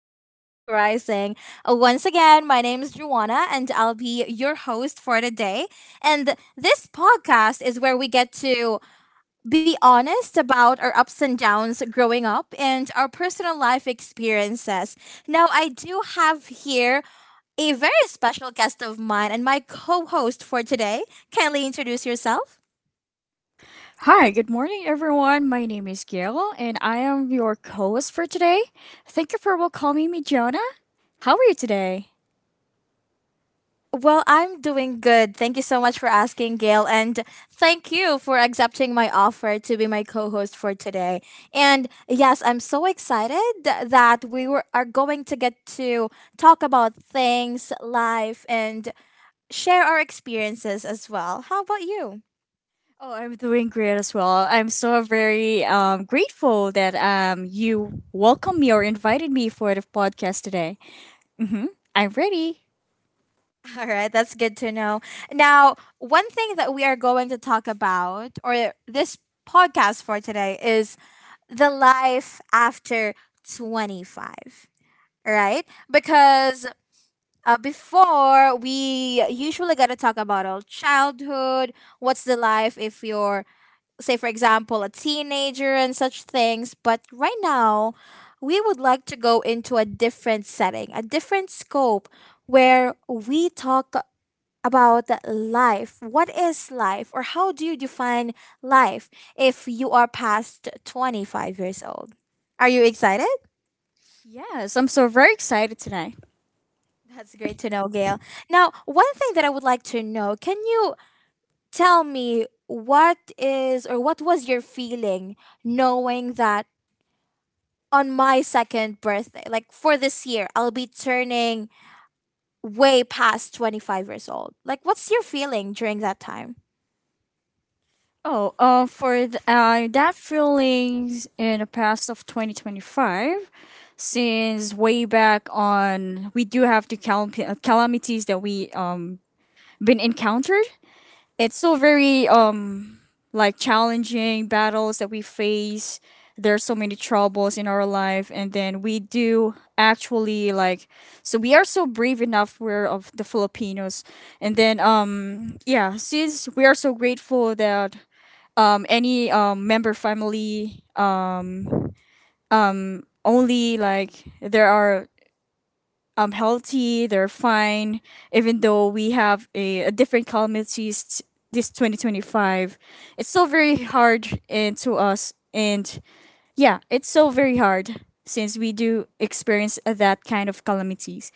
of Real Talk Rising. Once again, my name is Juana, and I'll be your host for today. And this podcast is where we get to be honest about our ups and downs growing up and our personal life experiences. Now, I do have here a very special guest of mine and my co host for today. Kindly introduce yourself. Hi, good morning, everyone. My name is Gail, and I am your co-host for today. Thank you for welcoming me, Jonah. How are you today? Well, I'm doing good. Thank you so much for asking, Gail. And thank you for accepting my offer to be my co host for today. And yes, I'm so excited that we are going to get to talk about things, life, and share our experiences as well. How about you? Oh, I'm doing great as well. I'm so very grateful that you welcomed me or invited me for the podcast today. Mm-hmm. I'm ready. All right, that's good to know. Now, one thing that we are going to talk about, or this podcast for today, is the life after 25, right? Because before, we usually gonna talk about our childhood, what's the life if you're, say, for example, a teenager and such things. But right now, we would like to go into a different setting, a different scope, where we talk about life. What is life, or how do you define life if you are past 25 years old? Are you excited? Yes, I'm so very excited tonight. That's great to know, Gail. Now, one thing that I would like to know, can you tell me what is or what was your feeling knowing that on my second birthday, like for this year, I'll be turning way past 25 years old? Like, what's your feeling during that time? That feelings in the past of 2025, since way back on, we do have the calamities that we been encountered. It's so very like challenging battles that we face. There's so many troubles in our life, and then we do actually like, we are so brave enough. We're of the Filipinos, and then yeah, since we are so grateful that any member family only like there are healthy, they're fine, even though we have a different calamities this 2025. It's still very hard and to us, and yeah, it's so very hard since we do experience that kind of calamities.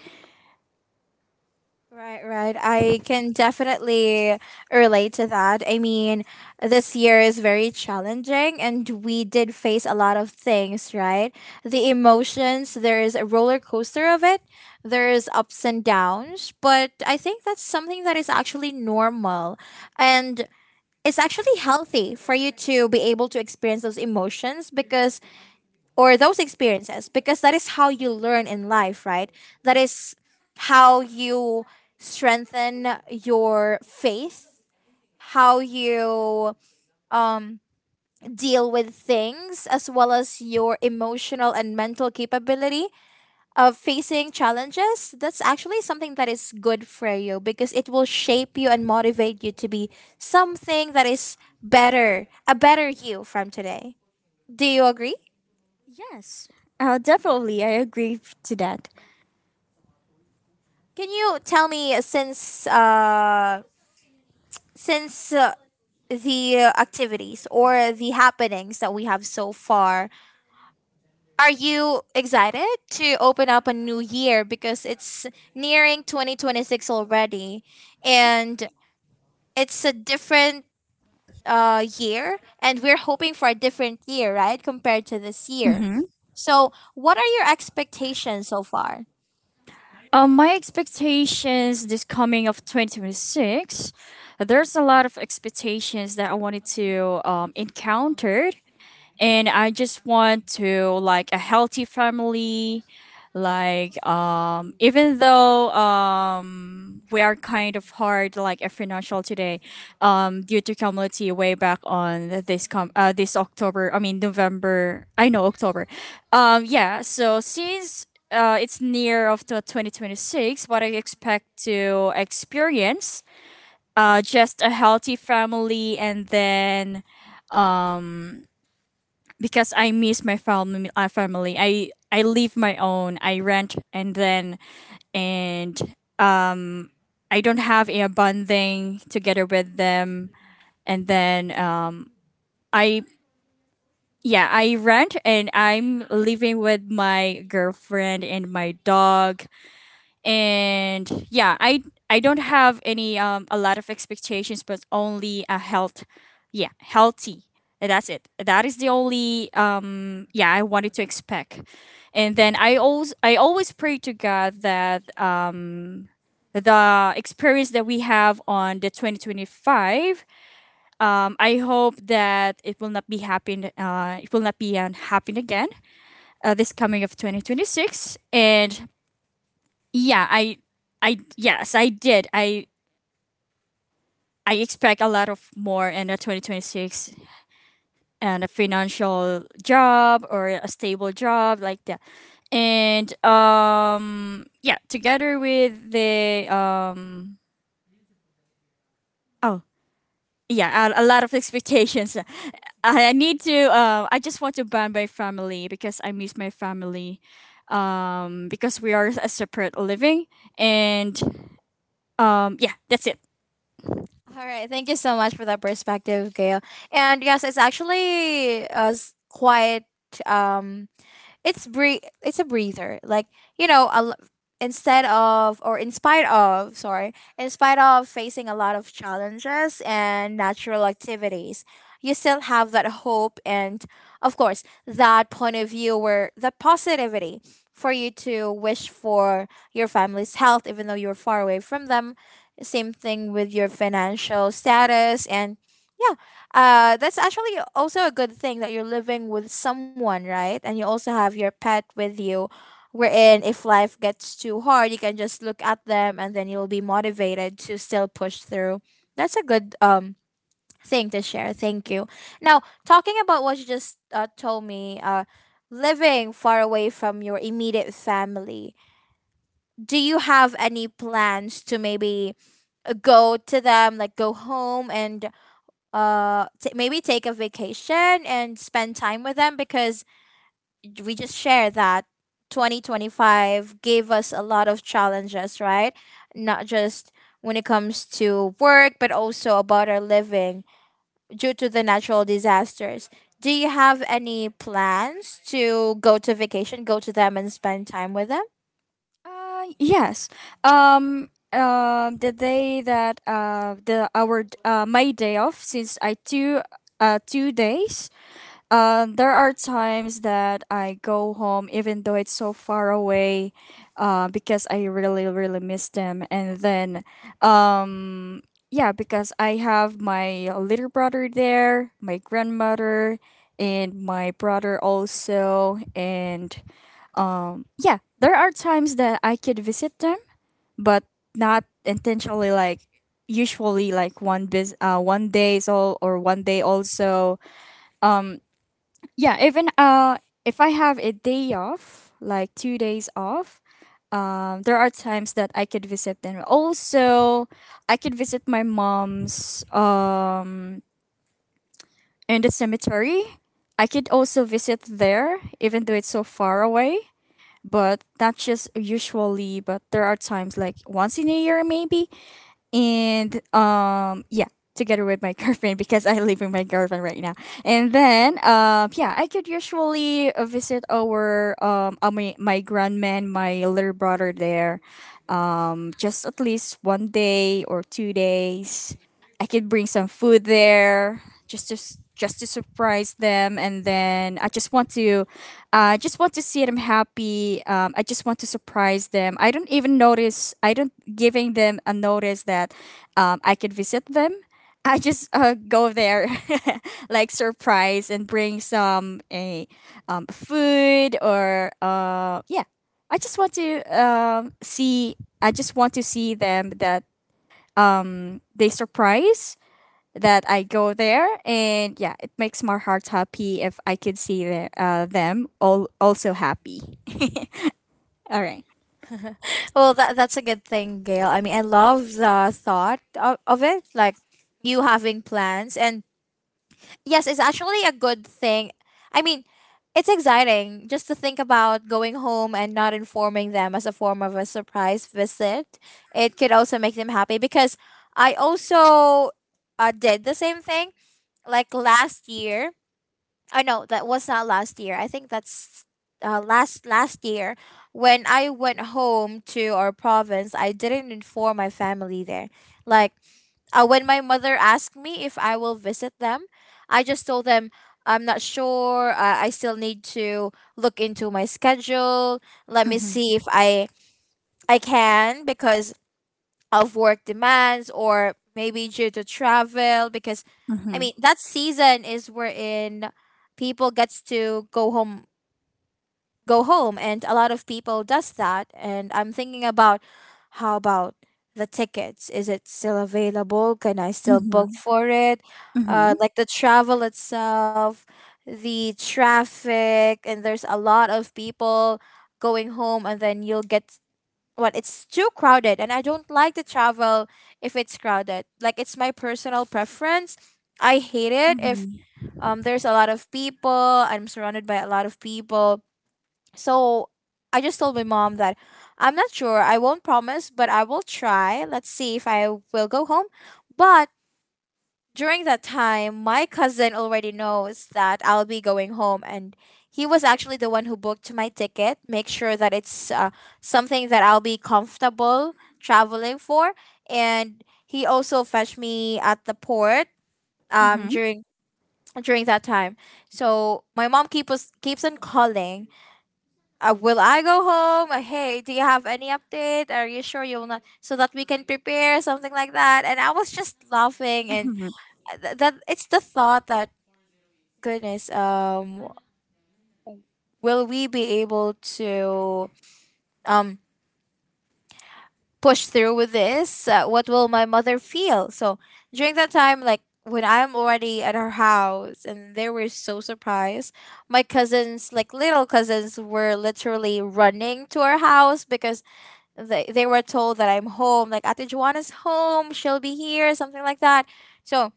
Right, right. I can definitely relate to that. I mean, this year is very challenging and we did face a lot of things, right? The emotions, there is a roller coaster of it, there's ups and downs, but I think that's something that is actually normal and it's actually healthy for you to be able to experience those emotions because, or those experiences, because that is how you learn in life, right? That is how you strengthen your faith, how you um, deal with things, as well as your emotional and mental capability of facing challenges. That's actually something that is good for you because it will shape you and motivate you to be something that is better, a better you from today. Do you agree? Yes, definitely I agree to that. Can you tell me, since since uh, the activities or the happenings that we have so far, are you excited to open up a new year because it's nearing 2026 already, and it's a different year and we're hoping for a different year, right, compared to this year. Mm-hmm. So, what are your expectations so far? My expectations this coming of 2026, there's a lot of expectations that I wanted to encounter, and I just want to like a healthy family. Like even though we are kind of hard like a financial today, due to community way back on this com this October. I mean November. I know October. Yeah. So since it's near of the 2026, what I expect to experience, just a healthy family, and then because I miss my family. Family. I live my own. I rent, and then, and I don't have a bonding together with them. And then, I yeah, I rent, and I'm living with my girlfriend and my dog. And yeah, I don't have any a lot of expectations, but only a health, yeah, healthy. And that's it, that is the only yeah I wanted to expect. And then I always pray to God that the experience that we have on the 2025, I hope that it will not be happen, it will not be happen again, this coming of 2026. And yeah I yes, I did. I expect a lot of more in the 2026, and a financial job or a stable job like that. And yeah, together with the um oh yeah, a lot of expectations. I need to I just want to bond my family because I miss my family, because we are a separate living, and yeah, that's it. All right. Thank you so much for that perspective, Gail. And yes, it's actually quite um, it's it's a breather, like, you know a l- instead of, or in spite of, sorry, in spite of facing a lot of challenges and natural activities, you still have that hope and, of course, that point of view where the positivity, for you to wish for your family's health even though you're far away from them, same thing with your financial status. And yeah, that's actually also a good thing that you're living with someone, right? And you also have your pet with you, wherein if life gets too hard, you can just look at them and then you'll be motivated to still push through. That's a good thing to share. Thank you. Now, talking about what you just told me, living far away from your immediate family, do you have any plans to maybe go to them, like go home and maybe take a vacation and spend time with them? Because we just share that 2025 gave us a lot of challenges, right? Not just when it comes to work, but also about our living due to the natural disasters. Do you have any plans to go to vacation, go to them and spend time with them? Yes. Um, the day that my day off, since I two 2 days. There are times that I go home even though it's so far away, because I really miss them. And then, um, yeah, because I have my little brother there, my grandmother, and my brother also, and yeah, there are times that I could visit them, but not intentionally. Like usually like 1 day is all, or 1 day also. um yeah, even if I have a day off, like 2 days off, there are times that I could visit them also. I could visit my mom's in the cemetery. I could also visit there even though it's so far away, but not just usually, but there are times like once in a year maybe. And yeah, together with my girlfriend, because I live with my girlfriend right now. And then yeah, I could usually visit our my grandman, my little brother there, just at least 1 day or 2 days. I could bring some food there, just to just to surprise them, and then I just want to see them happy. I just want to surprise them. I don't even notice. I don't giving them a notice that I could visit them. I just go there, like surprise, and bring some a food or yeah. I just want to um, see. I just want to see them that they surprise that I go there, and yeah, it makes my heart happy if I could see the, them all also happy. All right. Well, that's a good thing, Gail. I mean, I love the thought of it, like you having plans. And yes, it's actually a good thing. I mean, it's exciting just to think about going home and not informing them as a form of a surprise visit. It could also make them happy because I also did the same thing like last year. I know that was not last year. I think that's last last year when I went home to our province. I didn't inform my family there. Like, when my mother asked me if I will visit them, I just told them I'm not sure. I still need to look into my schedule. Let me Mhm, see if I can, because of work demands or maybe due to travel. Because, I mhm, mean, that season is wherein people gets to go home, go home, and a lot of people does that. And I'm thinking about, how about the tickets, is it still available, can I still book mhm, for it, mhm, like the travel itself, the traffic, and there's a lot of people going home, and then you'll get, what, it's too crowded. And I don't like to travel if it's crowded, like it's my personal preference. I hate it if mhm, there's a lot of people, I'm surrounded by a lot of people. So I just told my mom that I'm not sure. I won't promise, but I will try. Let's see if I will go home. But during that time, my cousin already knows that I'll be going home, and he was actually the one who booked my ticket, make sure that it's something that I'll be comfortable traveling for. And he also fetched me at the port mhm, during during that time. So my mom keeps on calling, will I go home? Hey, do you have any update? Are you sure you will not? So that we can prepare something, like that. And I was just laughing, and mhm, that it's the thought that, goodness, will we be able to um push through with this? What will my mother feel? So during that time, like when I'm already at her house, and they were so surprised. My cousins, like little cousins, were literally running to our house because they were told that I'm home, like Ate Juana's home, she'll be here, something like that. So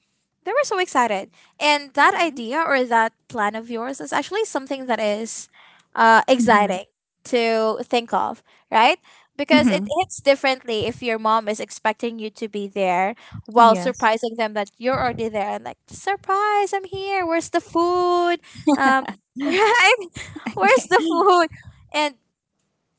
they were so excited. And that mhm, idea, or that plan of yours, is actually something that is mhm, exciting to think of, right? Because it mhm. hits differently if your mom is expecting you to be there while Yes. surprising them that you're already there, and like, surprise, I'm here. Where's the food? Um, right? Where's Okay. the food? And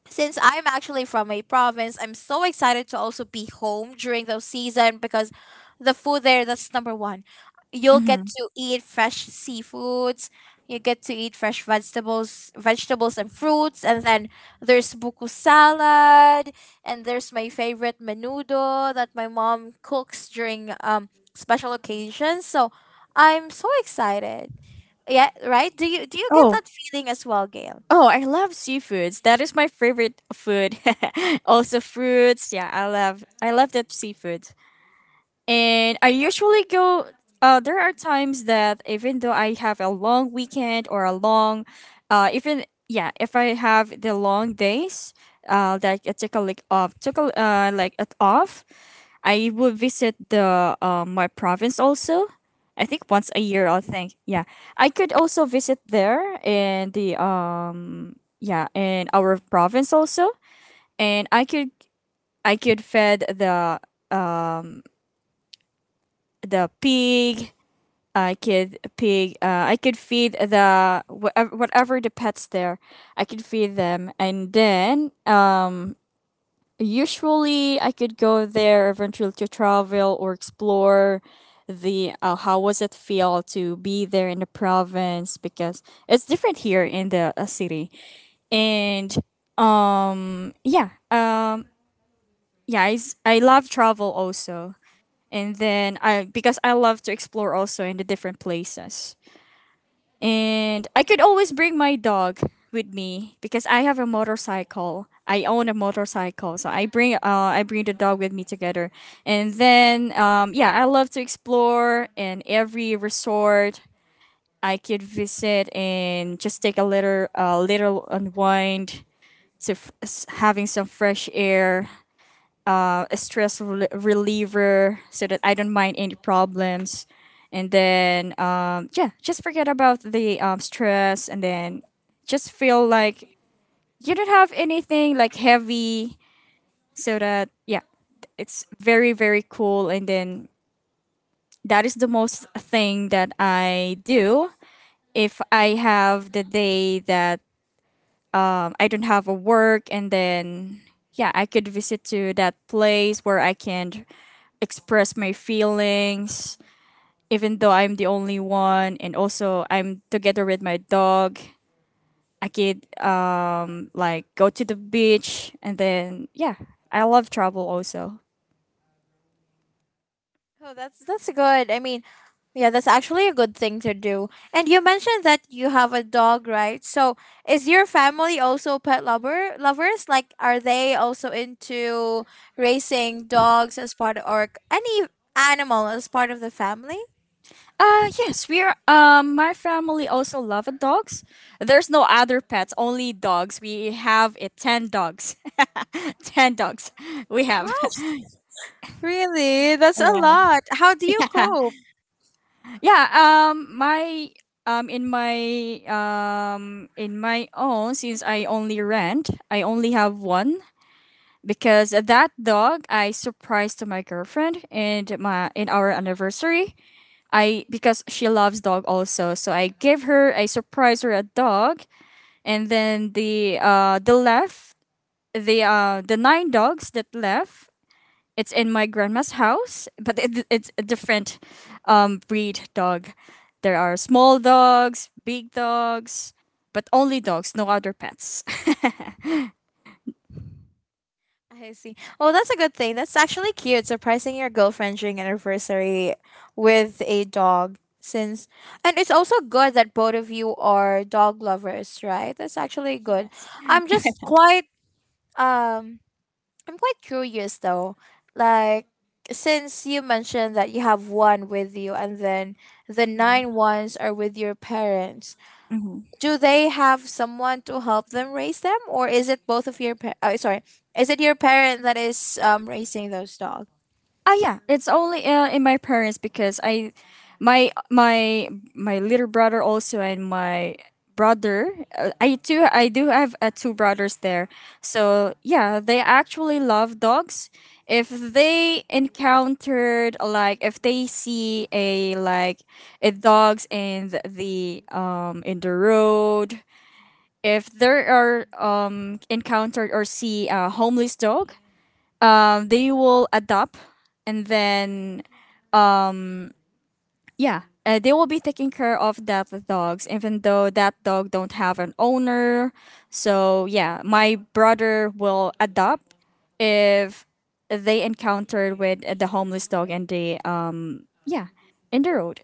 since I'm actually from a province, I'm so excited to also be home during those season because the food there, that's number one. You'll get Mhm. to eat fresh seafoods, you get to eat fresh vegetables, vegetables and fruits, and then there's buko salad, and there's my favorite menudo that my mom cooks during special occasions. So I'm so excited. Yeah, right? Do you get Oh, that feeling as well, Gail? oh, I love seafoods. That is my favorite food. Also fruits. Yeah, I love that seafood. And I usually go. There are times that even though I have a long weekend or a long, even yeah, if I have the long days, that I took a like off, took a like it off. I will visit the my province also. I think once a year. I think yeah. I could also visit there in the yeah in our province also, and I could fed uh, the pig. I could feed the whatever, whatever the pets there. I could feed them, and then usually I could go there eventually to travel or explore the how was it feel to be there in the province, because it's different here in the city, and yeah, um, yeah, I love travel also, and then I because I love to explore also in the different places. And I could always bring my dog with me because I have a motorcycle. I own a motorcycle, so I bring the dog with me together. And then yeah, I love to explore, and every resort I could visit and just take a little unwind to having some fresh air, a stress reliever, so that I don't mind any problems. And then, yeah, just forget about the stress and then just feel like you don't have anything like heavy, so that, yeah, it's very, very cool. And then that is the most thing that I do if I have the day that I don't have a work, and then yeah, I could visit to that place where I can express my feelings, even though I'm the only one, and also I'm together with my dog. I could like go to the beach, and then yeah, I love travel also. Oh, that's good. I mean, yeah, that's actually a good thing to do. And you mentioned that you have a dog, right? So, is your family also pet lover lovers? Like, are they also into raising dogs as part of, or any animal as part of the family? Uh, yes, we are. My family also love dogs. There's no other pets, only dogs. We have 10 dogs, 10 dogs. We Wow, have. really? That's a Wow. lot. How do you Yeah. cope? Yeah, my in my in my own, since I only rent, I only have one, because that dog I surprised to my girlfriend and my in our anniversary. I because she loves dog also, so I surprised her a dog. And then the left, the 9 dogs that left, it's in my grandma's house, but it's a different breed dog. There are small dogs, big dogs, but only dogs, no other pets. I see. Well, that's a good thing. That's actually cute. Surprising your girlfriend during anniversary with a dog. Since, and it's also good that both of you are dog lovers, right? That's actually good. Yes. I'm just quite um I'm quite curious though. Like, since you mentioned that you have one with you and then the Hmm. nine ones are with your parents, do they have someone to help them raise them, or is it both of your oh, sorry, is it your parent that is raising those dogs? Ah, yeah, it's only in my parents, because I, my my my little brother also and my brother. I do have 2 brothers there, so yeah, they actually love dogs. If they encountered, like if they see a like a dogs in the in the road, if there are encountered or see a homeless dog, they will adopt, and then yeah, they will be taking care of that dogs even though that dog don't have an owner. So yeah, my brother will adopt if they encountered with the homeless dog, and they yeah, in the road.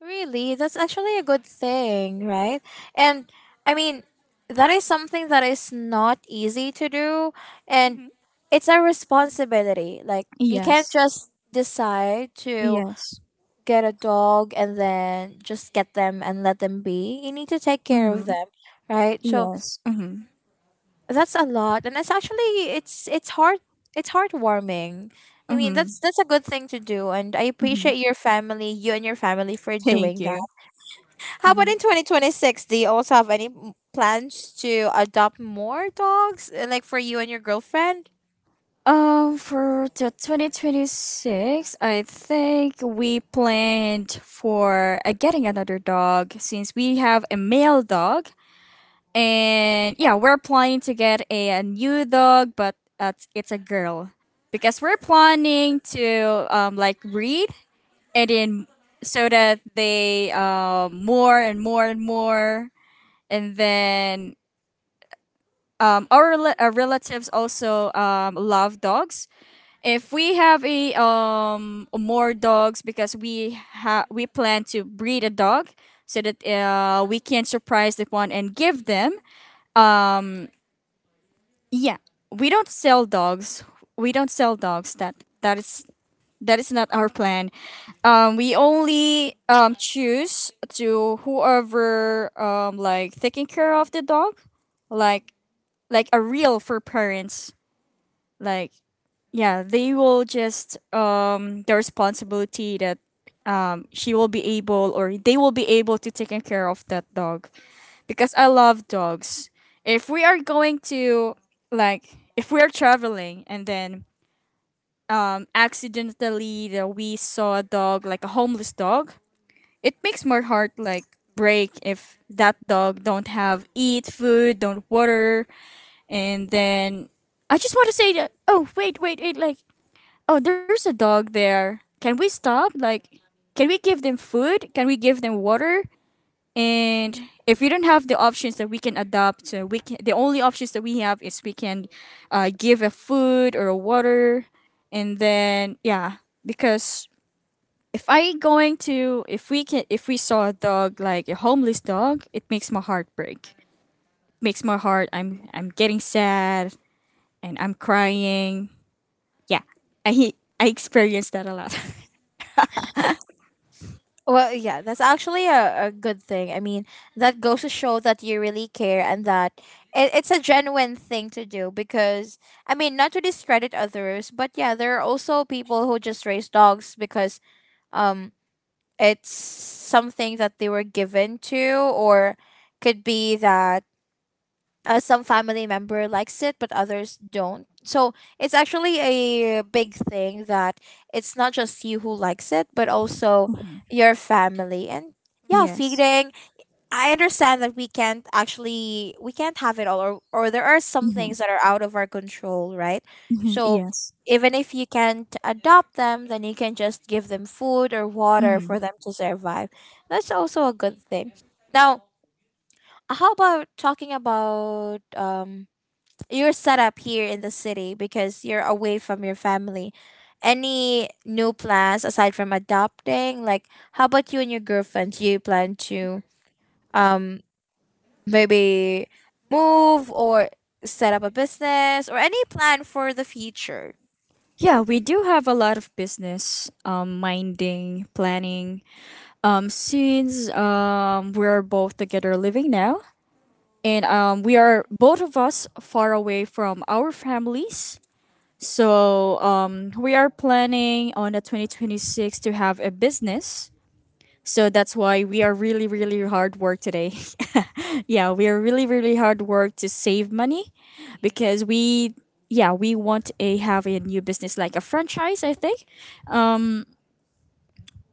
Really? That's actually a good thing, right? And I mean, that is something that is not easy to do. And Hmm. it's a responsibility, like you can't Yes. just decide to Yes. get a dog and then just get them and let them be, you need to take care of Mm-hmm. them, right? So Yes. Mm-hmm. that's a lot, and it's actually it's heartwarming. I mean, that's Mm-hmm. that's a good thing to do, and I Mm-hmm. appreciate your family, you and your family, for Thank doing you. that. How about in 2026? Do you also have any plans to adopt more dogs, like for you and your girlfriend? For the 2026, I think we planned for getting another dog, since we have a male dog. And yeah, we're planning to get a new dog, but it's a girl. Because we're planning to like breed, and then so that they more and more and more. And then our relatives also love dogs. If we have a more dogs because we plan to breed a dog so that we can surprise the one and give them um yeah, we don't sell dogs, that that is not our plan. Um, we only choose to whoever like taking care of the dog, like a real for parents, like yeah. They will just the responsibility that she will be able or they will be able to take care of that dog, because I love dogs. If we are going to, like, if we are traveling, and then accidentally that we saw a dog like a homeless dog, it makes my heart, like, break if that dog don't have eat food, don't water. And then I just want to say that, "Oh, wait, wait, wait! Like, oh, there's a dog there. Can we stop? Like, can we give them food? Can we give them water?" And if we don't have the options that we can adopt, we can, the only options that we have is we can give a food or a water, and then yeah, because if I going to, if we can, if we saw a dog like a homeless dog, it makes my heart break. Makes my heart. I'm getting sad and I'm crying. Yeah, I I experienced that a lot. Well, yeah, that's actually a good thing. I mean, that goes to show that you really care and that it's a genuine thing to do because, I mean, not to discredit others, but yeah, there are also people who just raise dogs because um it's something that they were given to, or could be that some family member likes it but others don't. So it's actually a big thing that it's not just you who likes it but also your family and yeah, Yes. feeding. I understand that we can't have it all, or there are some Hmm. things that are out of our control, right? Hmm. So Yes. even if you can't adopt them, then you can just give them food or water Hmm. for them to survive. That's also a good thing. Now, how about talking about your setup here in the city, because you're away from your family? Any new plans aside from adopting? Like, how about you and your girlfriend? Do you plan to um maybe move, or set up a business, or any plan for the future? Yeah, we do have a lot of business minding, planning. Since we're both together living now, and we are both of us far away from our families. So we are planning on the 2026 to have a business. So that's why we are really, really hard work today. Yeah, we are really, really hard work to save money, because we, yeah, we want a have a new business like a franchise, I think.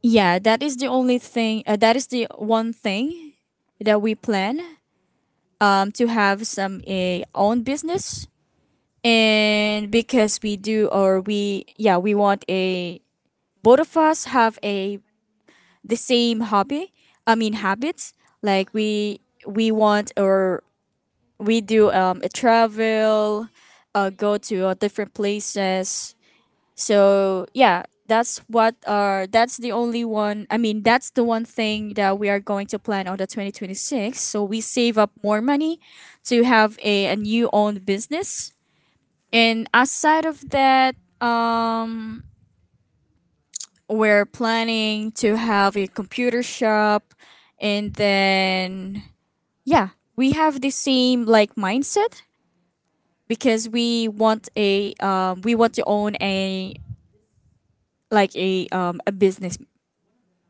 Yeah, that is the only thing that is the one thing that we plan to have some a own business. And because we do, or we, yeah, we want a, both of us have a the same hobby, I mean habits, like we want, or we do a travel, go to different places. So yeah, that's what are, that's the only one, I mean that's the one thing that we are going to plan on the 2026, so we save up more money to have a new owned business. And aside of that, um we're planning to have a computer shop, and then yeah, we have the same, like, mindset, because we want a we want to own a like a business,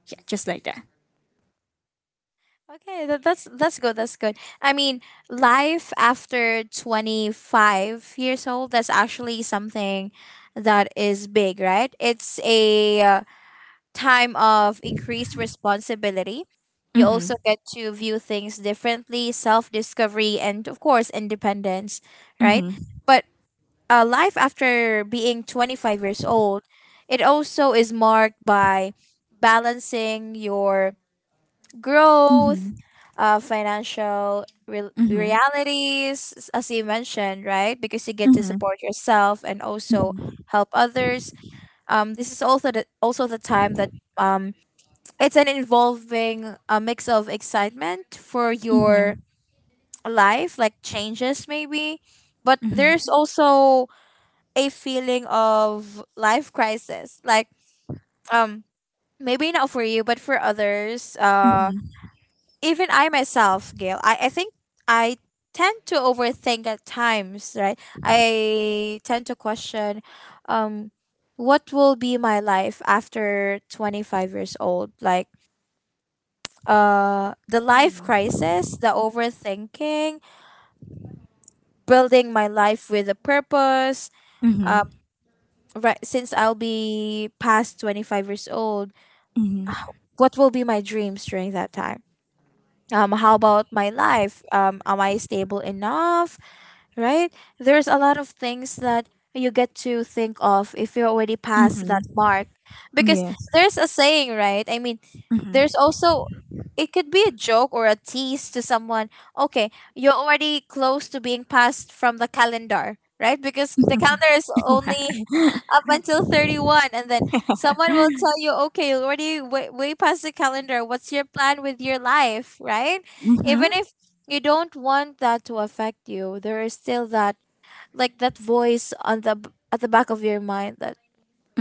yeah, just like that. Okay, that's good. That's good. I mean, life after 25 years old, that's actually something that is big, right? It's a time of increased responsibility. You also Mm-hmm. get to view things differently, self-discovery, and of course independence, right? Mm-hmm. But life after being 25 years old, it also is marked by balancing your growth, Mm-hmm. Financial re- Mm-hmm. realities, s- as you mentioned, right? Because you get to support yourself and also Mm-hmm. help others. This is also also the time that um, it's an involving a mix of excitement for Mm-hmm. your life, like changes maybe, but there's also a feeling of life crisis, like um maybe not for you but for others. Mm-hmm. Even I myself, Gail, I think I tend to overthink at times, right? I tend to question um what will be my life after 25 years old, like the life Mm-hmm. crisis, the overthinking, building my life with a purpose. um Mm-hmm. right, since I'll be past 25 years old, Mm-hmm. what will be my dreams during that time? How about my life? Am I stable enough, right? There's a lot of things that you get to think of if you already passed that Mm-hmm. mark. Because Yes. there's a saying, right? I mean, Mm-hmm. there's also, it could be a joke or a tease to someone. Okay, you're already close to being passed from the calendar, right? Because the calendar is only up until 31, and then someone will tell you, "Okay, you're already way, way past the calendar. What's your plan with your life?" right? Even Mm-hmm. if you don't want that to affect you, there is still that, like that voice on at the back of your mind that,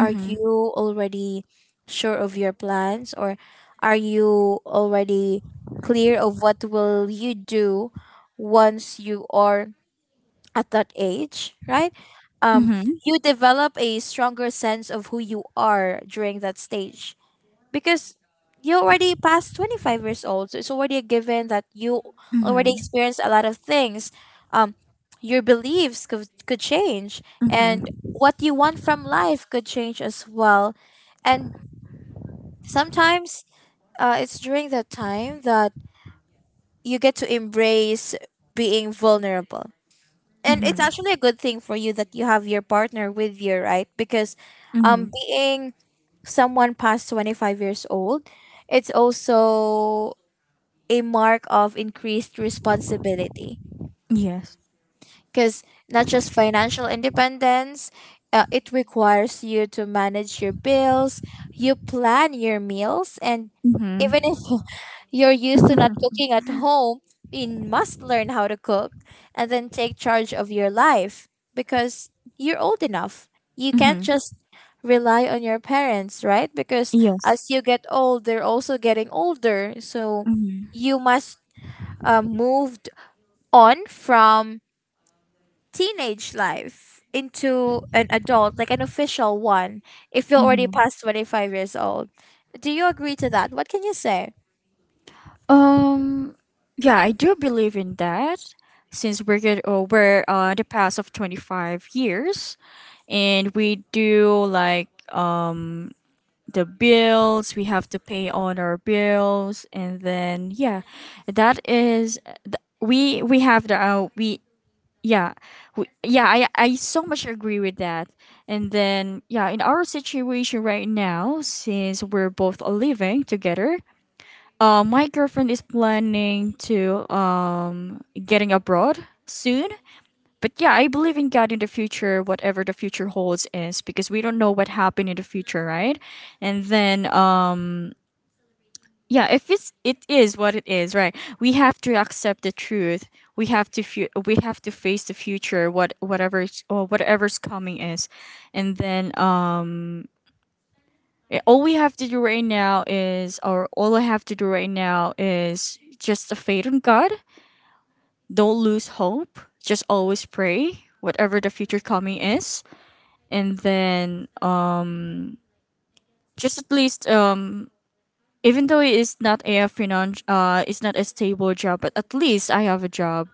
are you already sure of your plans? Or are you already clear of what will you do once you are at that age, right? um Mm-hmm. you develop a stronger sense of who you are during that stage, because you're already past 25 years old, so it's already a given that you already Mm-hmm. experienced a lot of things. um your beliefs could change, and what you want from life could change as well. And sometimes it's during that time that you get to embrace being vulnerable. And it's Mm-hmm. actually a good thing for you that you have your partner with you, right? Because Mm-hmm. being someone past 25 years old, it's also a mark of increased responsibility, Yes. because not just financial independence, it requires you to manage your bills, you plan your meals, and Mhm. even if you're used to not cooking at home, you must learn how to cook and then take charge of your life, because you're old enough. You can't Mhm. just rely on your parents, right? Because Yes. as you get old, they're also getting older. So Mhm. you must moved on from teenage life into an adult, like an official one, if you're already Mhm. past 25 years old. Do you agree to that? What can you say? Um. Yeah, I do believe in that. Since we're get over the past of 25 years, and we do like um the bills we have to pay on our bills, and then yeah, that is, we have the we, yeah, we, yeah I so much agree with that. And then yeah, in our situation right now, since we're both living together, my girlfriend is planning to getting abroad soon. But yeah, I believe in God in the future, whatever the future holds is, because we don't know what happened in the future, right? And then yeah, if it's, it is what it is, right? We have to accept the truth, we have to we have to face the future, whatever it's- or whatever's coming is. And then all we have to do right now is, or all I have to do right now, is just a faith in God. Don't lose hope, just always pray whatever the future coming is. And then just at least even though it is not a uh, it's not a stable job, but at least I have a job,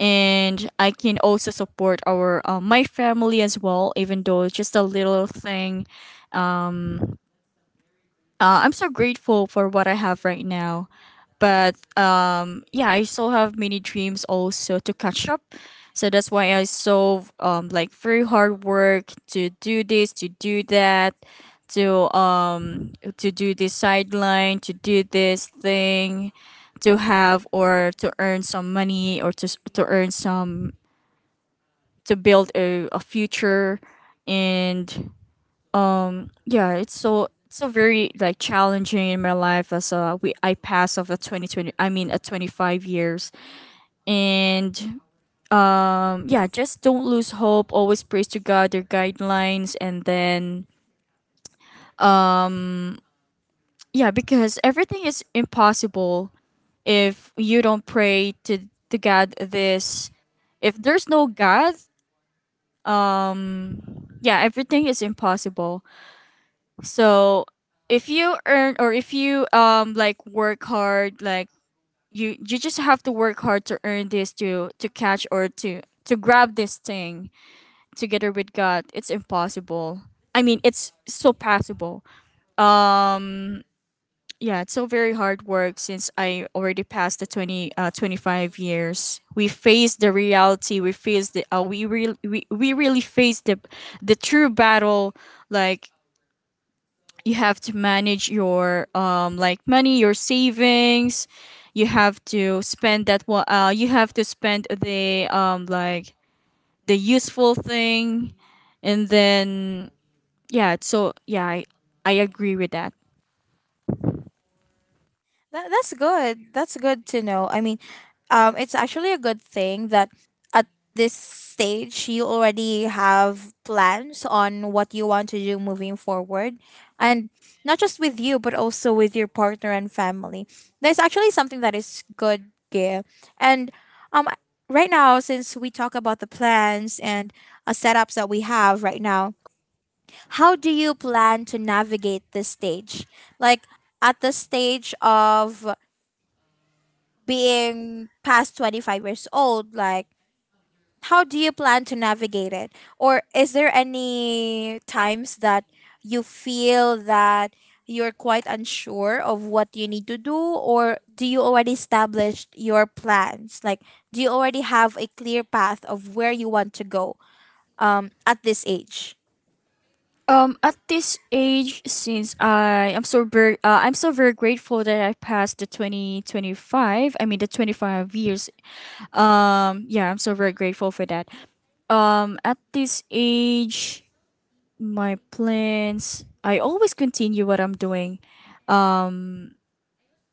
and I can also support our my family as well, even though it's just a little thing. Um, I'm so grateful for what I have right now. But yeah, I still have many dreams also to catch up. So that's why I so like, very hard work to do this, to do that, to do this sideline, to do this thing, to have or to earn some money, or to to earn some, to build a future. And yeah, it's so, so very, like, challenging in my life as we, I pass of a 2020, I mean a 25 years. And yeah, just don't lose hope, always praise to God their guidelines. And then yeah, because everything is impossible if you don't pray to God, this, if there's no God, yeah, everything is impossible. So if you earn, or if you like work hard, like you just have to work hard to earn this, to catch, or to grab this thing. Together with God, it's impossible, I mean it's so possible. um yeah, it's so very hard work since I already passed the 20 25 years. We face the reality, we face the we really, we really face the true battle. Like, you have to manage your like money, your savings. You have to spend that what you have to spend the like the useful thing. And then yeah, so yeah, I agree with that. That's good. That's good to know. I mean, it's actually a good thing that at this stage you already have plans on what you want to do moving forward. And not just with you, but also with your partner and family. There's actually something that is good, Gail. And um, right now, since we talk about the plans and setups that we have right now, how do you plan to navigate this stage? Like, at the stage of being past 25 years old, like how do you plan to navigate it? Or is there any times that you feel that you're quite unsure of what you need to do, or do you already established your plans, like do you already have a clear path of where you want to go at this age? At this age, since I am so very, I'm so very grateful that I passed the 2025. I mean the 25 years. Yeah, I'm so very grateful for that. At this age, my plans. I always continue what I'm doing. Um,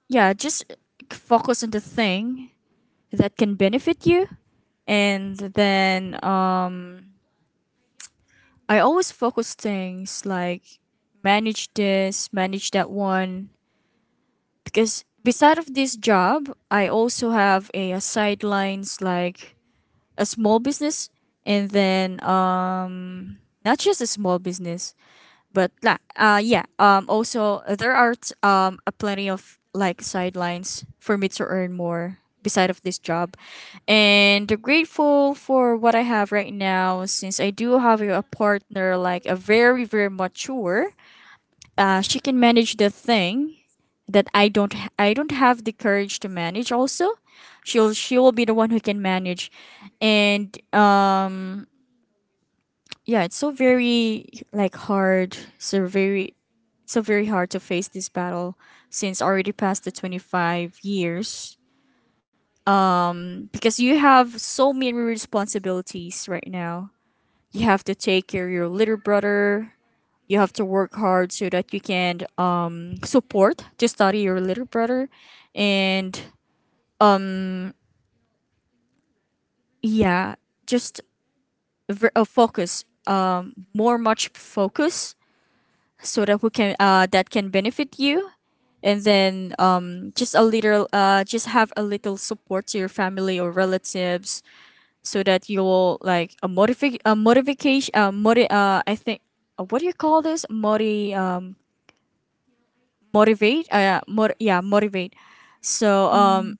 yeah, just focus on the thing that can benefit you. And then I always focus things like manage this, manage that one, because beside of this job, I also have a sidelines like a small business. And then not just a small business, but uh, yeah, also there are um, a plenty of like sidelines for me to earn more beside of this job. And I'm grateful for what I have right now, since I do have a partner like a very, very mature, she can manage the thing that I don't have the courage to manage also. She will be the one who can manage. And yeah, it's so very, like, hard, so very, so very hard to face this battle since already past the 25 years, because you have so many responsibilities right now. You have to take care of your little brother, you have to work hard so that you can support to study your little brother. And yeah, just focus more, much focus, so that who can that can benefit you. And then just a little just have a little support to your family or relatives, so that you will like a modifi a modification, uh, I think, what do you call this, modi, motivate, yeah, yeah, motivate. So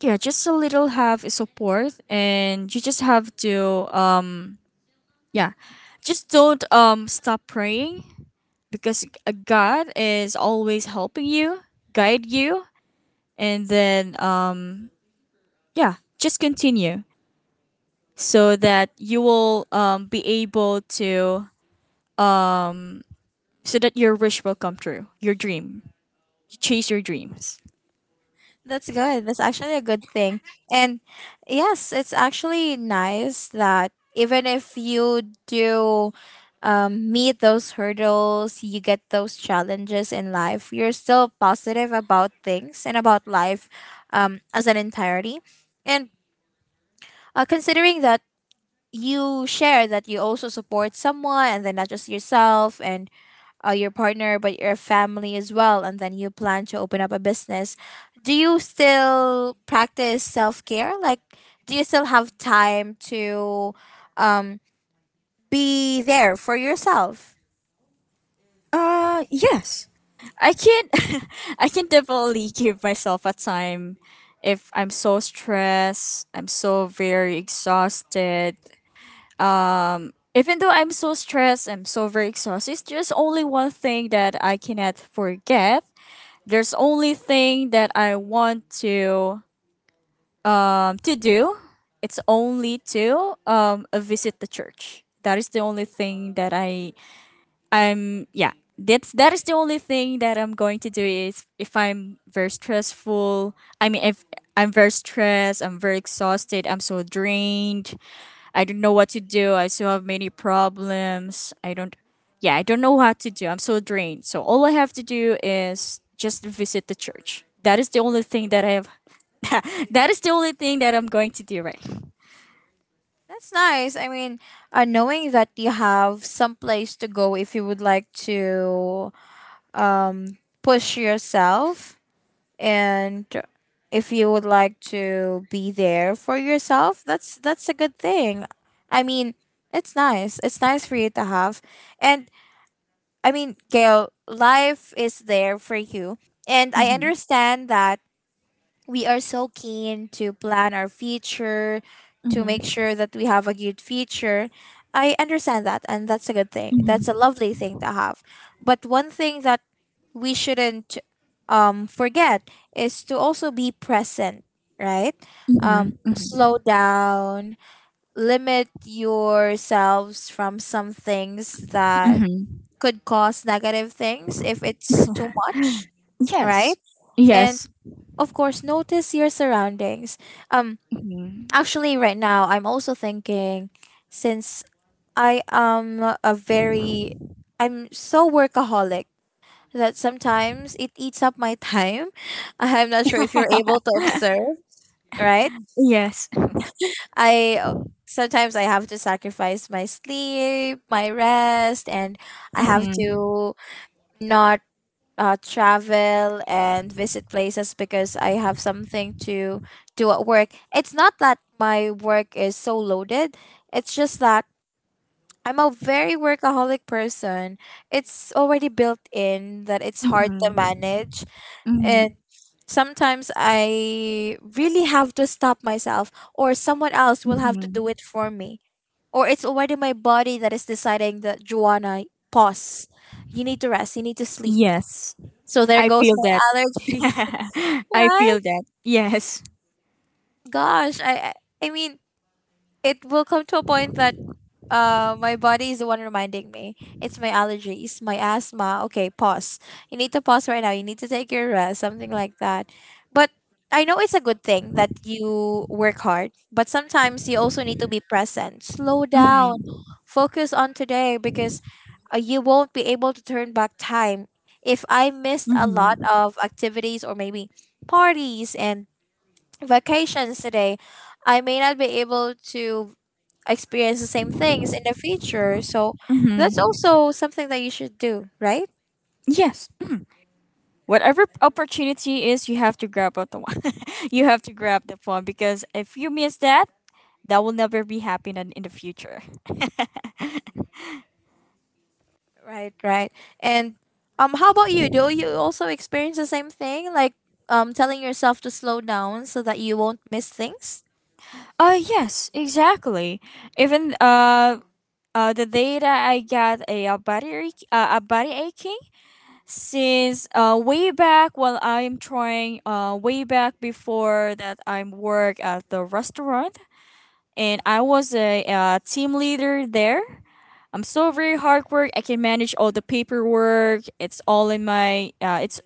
yeah, just a little have support, and you just have to yeah, just don't stop praying, because God is always helping you, guide you. And then yeah, just continue so that you will be able to, so that your wish will come true, your dream. You chase your dreams. That's good. That's actually a good thing. And yes, it's actually nice that even if you do meet those hurdles, you get those challenges in life, you're still positive about things and about life as an entirety. And considering that you share that you also support someone, and then not just yourself and your partner, but your family as well, and then you plan to open up a business. Do you still practice self care? Like, do you still have time to um, be there for yourself? Uh, yes. I can I can definitely give myself a time if I'm so stressed, I'm so very exhausted. Um, even though I'm so stressed, I'm so very exhausted, it's just only one thing that I cannot forget. There's only thing that I want to do. It's only to visit the church. That is the only thing that I'm, yeah. That's, that is the only thing that I'm going to do is if I'm very stressful. I mean, if I'm very stressed, I'm very exhausted, I'm so drained. I don't know what to do. I still have many problems. I don't, yeah, I don't know what to do. I'm so drained. So all I have to do is just visit the church. That is the only thing that I have, that is the only thing that I'm going to do, right. That's nice. I mean, knowing that you have some place to go if you would like to push yourself, and if you would like to be there for yourself, that's a good thing. I mean, it's nice, it's nice for you to have. And I mean, Gail, life is there for you, and I Mhm. understand that we are so keen to plan our future, to make Mhm. sure that we have a good future. I understand that, and that's a good thing. That's a Mhm. lovely thing to have. But one thing that we shouldn't forget is to also be present, right? Mhm. Mhm. Slow down, limit yourselves from some things that Mhm. could cause negative things if it's too much, right? Yes. And Yes. of course, notice your surroundings. Um, actually, right now, I'm also thinking, since I am a very, I'm so workaholic that sometimes it eats up my time. I'm not sure if you're able to observe, right? Yes. I Sometimes I have to sacrifice my sleep, my rest, and I have Mhm. to not travel and visit places because I have something to do at work. It's not that my work is so loaded, it's just that I'm a very workaholic person. It's already built in that it's hard to Mhm. manage. And Mhm. sometimes I really have to stop myself, or someone else will have to Mhm. do it for me. Or it's already my body that is deciding that, Joanna, pause. You need to rest. You need to sleep. Yes. So there I goes feel my that. allergies. I Right? feel that. Yes. Gosh, I I mean, it will come to a point that my body is the one reminding me. It's my allergies, my asthma. Okay, pause. You need to pause right now. You need to take your rest, something like that. But I know it's a good thing that you work hard, but sometimes you also need to be present. Slow down. Mhm. Focus on today, because you won't be able to turn back time. If I missed a lot Mhm. of activities, or maybe parties and vacations today, I may not be able to experience the same things in the future. So that's Mhm. also something that you should do, right? Yes. Whatever opportunity is, you have to grab out the one. You have to grab the one, because if you miss that, that will never be happening in the future. Right, right. And how about you? Do you also experience the same thing? Like telling yourself to slow down so that you won't miss things? Uh, yes, exactly. Even the day that I got a, uh, body ache, a body aching, since way back while I'm trying, way back before that I'm work at the restaurant, and I was a, uh, team leader there. I'm so very hard work. I can manage all the paperwork. It's all in my it's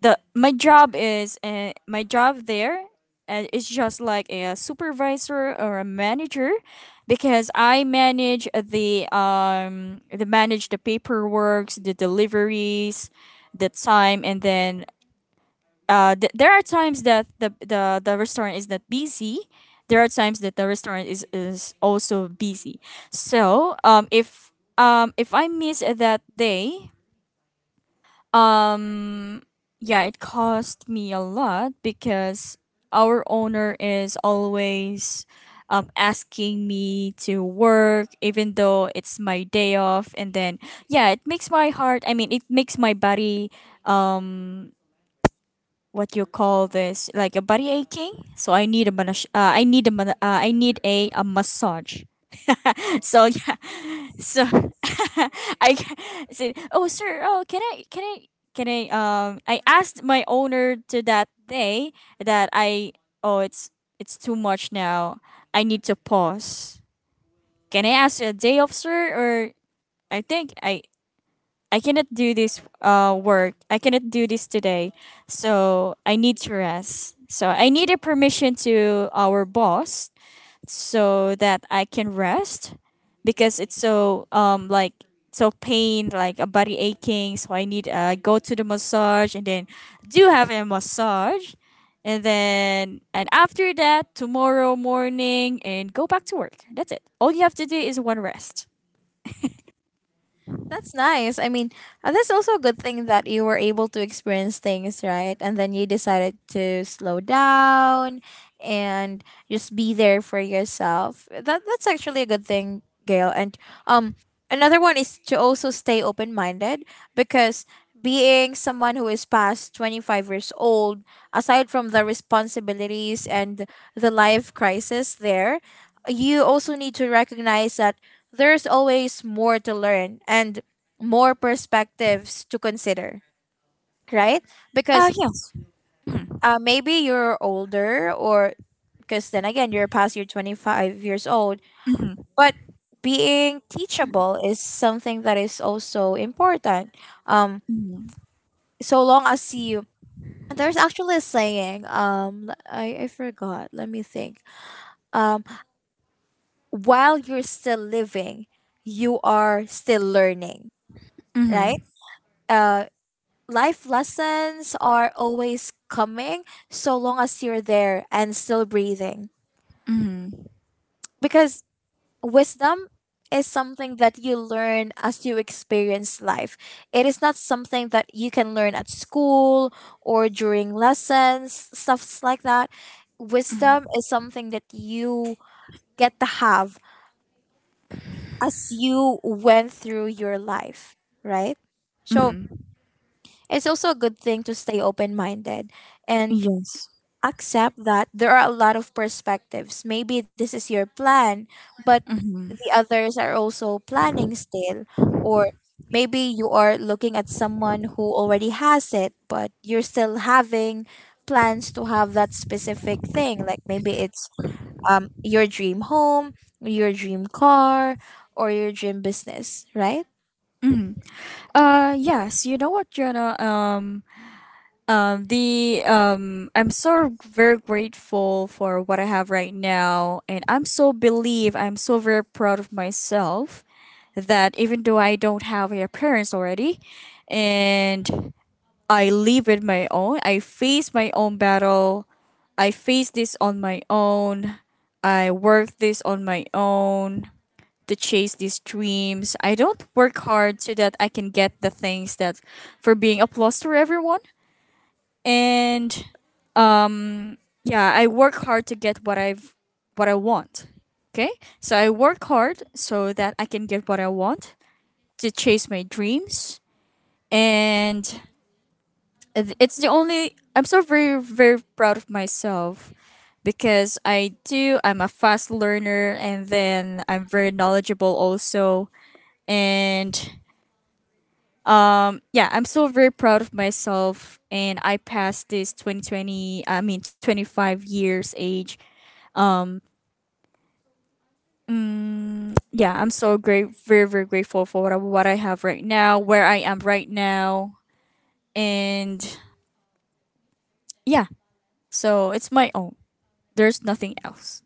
the my job is my job there is just like a supervisor or a manager, because I manage the manage the paperwork, the deliveries, the time. And then there are times that the, the restaurant is not busy. There are times that the restaurant is also busy. So, if I miss that day, um yeah, it cost me a lot because our owner is always asking me to work even though it's my day off. And then yeah, it makes my heart I mean it makes my body. um what you call this, like a body aching, so I need a I need a massage. So yeah, so I ca- said, "Oh, sir, oh, can I?" I asked my owner to that day that oh, it's too much now. I need to pause. Can I ask a day off, sir? Or I think I cannot do this work. I cannot do this today. So I need to rest. So I needed permission to our boss so that I can rest because it's so like so pain, like a body aching, so I need go to the massage, and then do have a massage, and then and after that tomorrow morning, and go back to work. That's it, all you have to do is one rest. That's nice. I mean, that's also a good thing that you were able to experience things, right? And then you decided to slow down and just be there for yourself. That's actually a good thing, Gail. And um another one is to also stay open-minded, because being someone who is past 25 years old, aside from the responsibilities and the life crisis there, you also need to recognize that there's always more to learn and more perspectives to consider, right? Because Yes. Maybe you're older, or because then again, you're past your 25 years old, Mm-hmm. but being teachable is something that is also important. Um, so long as you, there's actually a saying, I forgot, let me think. um while you're still living, you are still learning, right? Mm-hmm. uh Life lessons are always coming, so long as you're there and still breathing. Mm-hmm. Because wisdom is something that you learn as you experience life. It is not something that you can learn at school or during lessons, stuffs like that. Wisdom is something that you get to have as you went through your life, right? So Hmm. it's also a good thing to stay open minded and Yes. accept that there are a lot of perspectives. Maybe this is your plan, but Mm-hmm. the others are also planning still. Or maybe you are looking at someone who already has it, but you're still having plans to have that specific thing. Like maybe it's your dream home, your dream car, or your dream business, right? Mm-hmm. Yes, you know what, Jonah? The I'm so very grateful for what I have right now, and I'm so very proud of myself that even though I don't have a parents already, and I live it my own. I face my own battle. I face this on my own. I work this on my own to chase these dreams. I don't work hard so that I can get the things that, for being applause to everyone. And um, yeah, I work hard to get what I want. Okay, so I work hard so that I can get what I want, to chase my dreams, and it's the only. I'm so very very proud of myself because I do. I'm a fast learner, and then I'm very knowledgeable also, and yeah, I'm so very proud of myself, and I passed this 2020, I mean, 25 years age. Mm, yeah, I'm so great very very grateful for what what I have right now, where I am right now. And yeah, so it's my own. There's nothing else.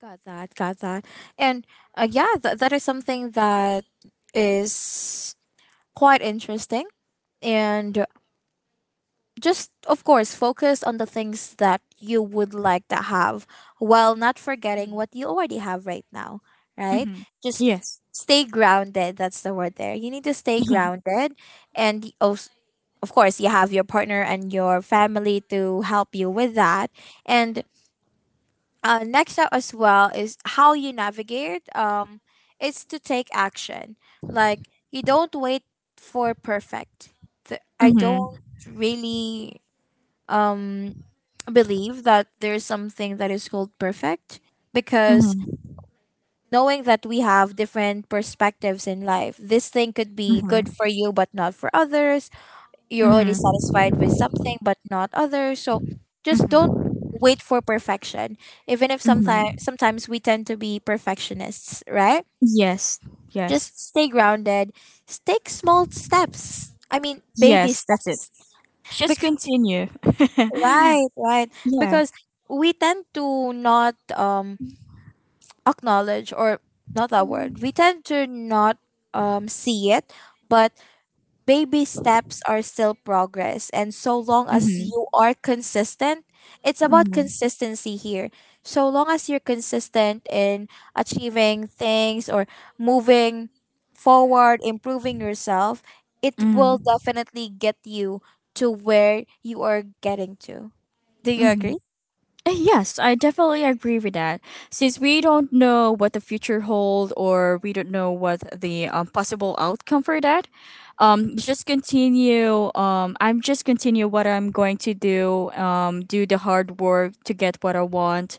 Got that, got that. And yeah, that is something that is quite interesting, and just of course focus on the things that you would like to have while not forgetting Hmm. what you already have right now, right? Mm-hmm. Just Yes. stay grounded. That's the word there. You need to stay grounded. And of course you have your partner and your family to help you with that. And next up as well is how you navigate, it's to take action. Like, you don't wait for perfect. I don't Mm-hmm. really um, believe that there's something that is called perfect, because Hmm. knowing that we have different perspectives in life, this thing could be Hmm. good for you but not for others. You're already Hmm. satisfied with something but not others. So just don't wait for perfection. Even if sometimes Hmm. sometimes we tend to be perfectionists, right? Yes. Yes. Just stay grounded. Take small steps. I mean, baby Yes, that's it, just steps. continue. Right, right. Yeah. Because we tend to not acknowledge, or not that word. We tend to not see it, but baby steps are still progress, and so long as Mhm, you are consistent, it's about mhm, consistency here. So long as you're consistent in achieving things or moving forward, improving yourself, it will mhm, definitely get you to where you are getting to. Do you mhm. agree? Yes, I definitely agree with that. Since we don't know what the future holds, or we don't know what the possible outcome for that, just continue. I'm just continue what I'm going to do. Do the hard work to get what I want,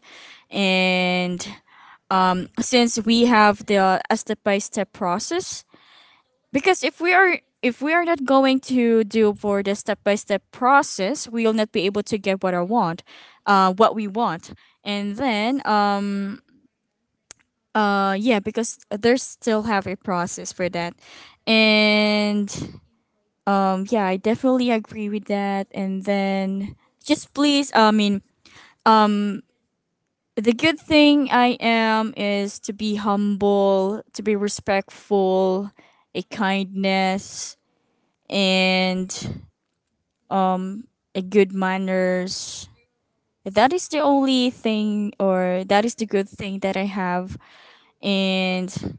and since we have the step by step process, because if we are not going to do for the step by step process, we'll not be able to get what I want, what we want, and then yeah, because there's still have a process for that, and yeah, I definitely agree with that, and then just please um the good thing I am is to be humble, to be respectful, a kindness, and a good manners. That is the only thing, or that is the good thing that I have, and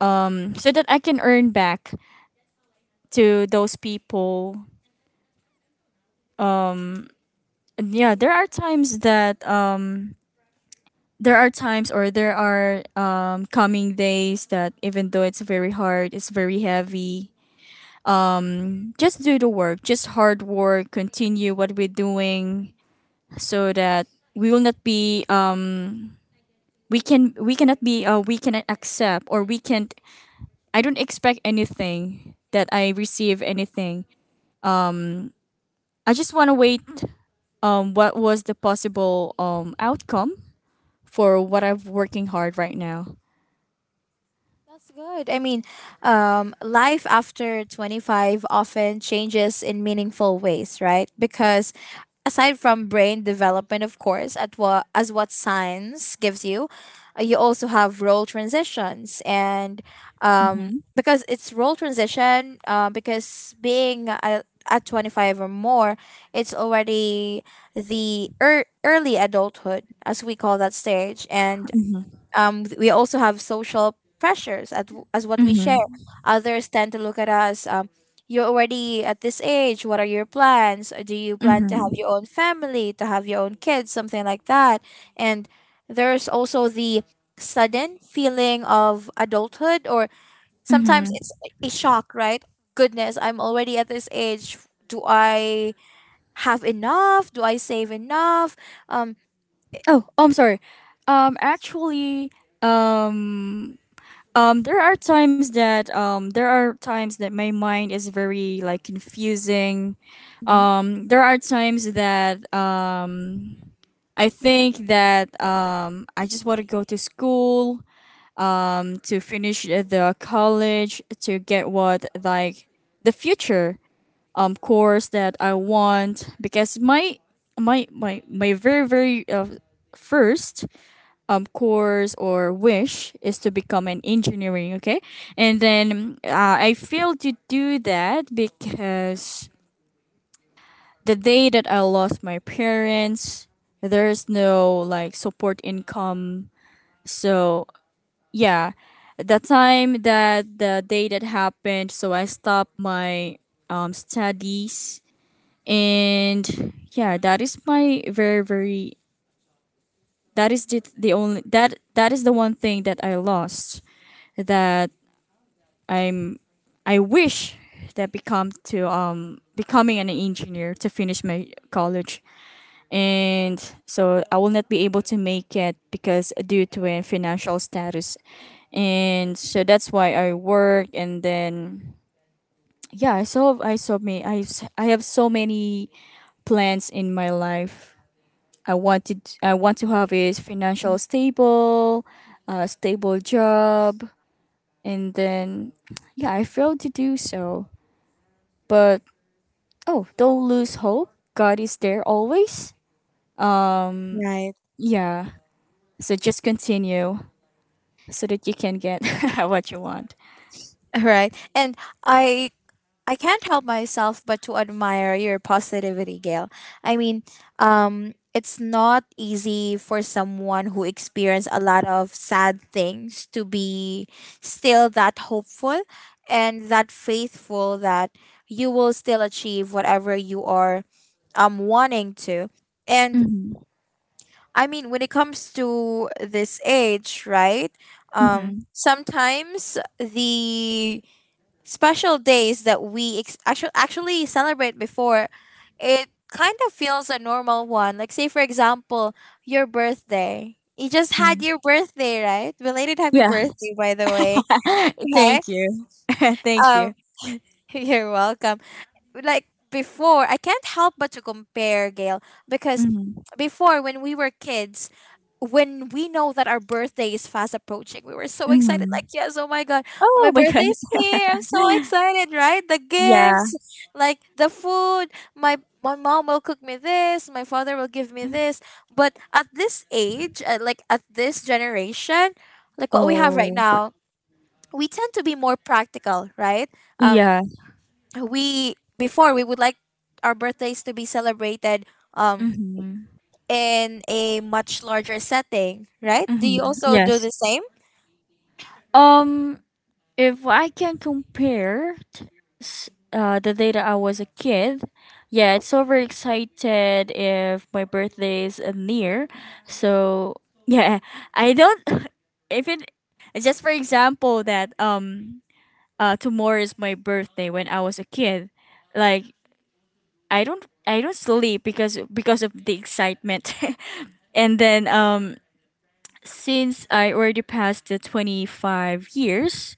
so that I can earn back to those people. And yeah, there are times that there are times, or there are coming days that even though it's very hard, it's very heavy. Just do the work, just hard work, continue what we're doing, so that we will not be we cannot be we cannot accept, or we can't. I don't expect anything that I receive anything. I just want to wait what was the possible outcome for what I'm working hard right now. That's good. I mean, life after 25 often changes in meaningful ways, right? Because aside from brain development, of course, at what, as what science gives you, you also have role transitions. And Mm-hmm, because it's role transition, because being a, at 25 or more, it's already the early adulthood, as we call that stage. And mm-hmm, we also have social pressures at, as what we share. mm-hmm, Others tend to look at us, you're already at this age, what are your plans? Do you plan to have mm-hmm, your own family, to have your own kids, something like that? And there's also the sudden feeling of adulthood, or sometimes mm-hmm. it's a shock, right? Goodness, I'm already at this age. Do I have enough? Do I save enough? Um, Oh, I'm sorry. Actually, um there are times that there are times that my mind is very like confusing. Mhm. There are times that I think that I just want to go to school, to finish the college to get what like the future, course that I want because my very very first, course or wish is to become an engineering, okay. And then I failed to do that because the day that I lost my parents, there's no like support income. So yeah, the day that happened, so I stopped my studies. And yeah, that is my very very, that is the only that, that is the one thing that I lost. That I'm I wish that become to becoming an engineer, to finish my college, and so I will not be able to make it because due to a financial status. And so that's why I work. And then yeah, I saw me I s- I have so many plans in my life. I want to have a financial stable, a stable job. And then yeah, I failed to do so. But, oh, don't lose hope. God is there always. Um, Right. yeah. So just continue so that you can get what you want. right. And I I can't help myself but to admire your positivity, Gail. I mean, it's not easy for someone who experienced a lot of sad things to be still that hopeful and that faithful that you will still achieve whatever you are wanting to. And Hmm. I mean, when it comes to this age, right? Hmm. Sometimes the special days that we actually celebrate before, it kind of feels a normal one. Like say for example, your birthday. You just had your birthday, right? Belated happy Yeah. birthday, by the way. Okay. Thank you. Thank Um, you. you're welcome. Like, before I can't help but to compare, Gail, because Hmm. before, when we were kids, when we know that our birthday is fast approaching, we were so excited. Like, Hmm. yes, oh my god, my Oh my god. birthday's here, I'm so excited, right? The Yeah. gifts, like the food, my my mom will cook me this, my father will give me this. But at this age, like at this generation, like what we have right Oh. now, we tend to be more practical, right? um Yeah. we, before, we would like our birthdays to be celebrated um Hmm. in a much larger setting, right? Do you Hmm. also do Yes. the same? Um. If I can compare t- s- the data I was a kid, yeah, it's overexcited if my birthday is near. So yeah, I don't. If it just for example that tomorrow is my birthday, when I was a kid, like I don't sleep because of the excitement. And then since I already passed the 25 years,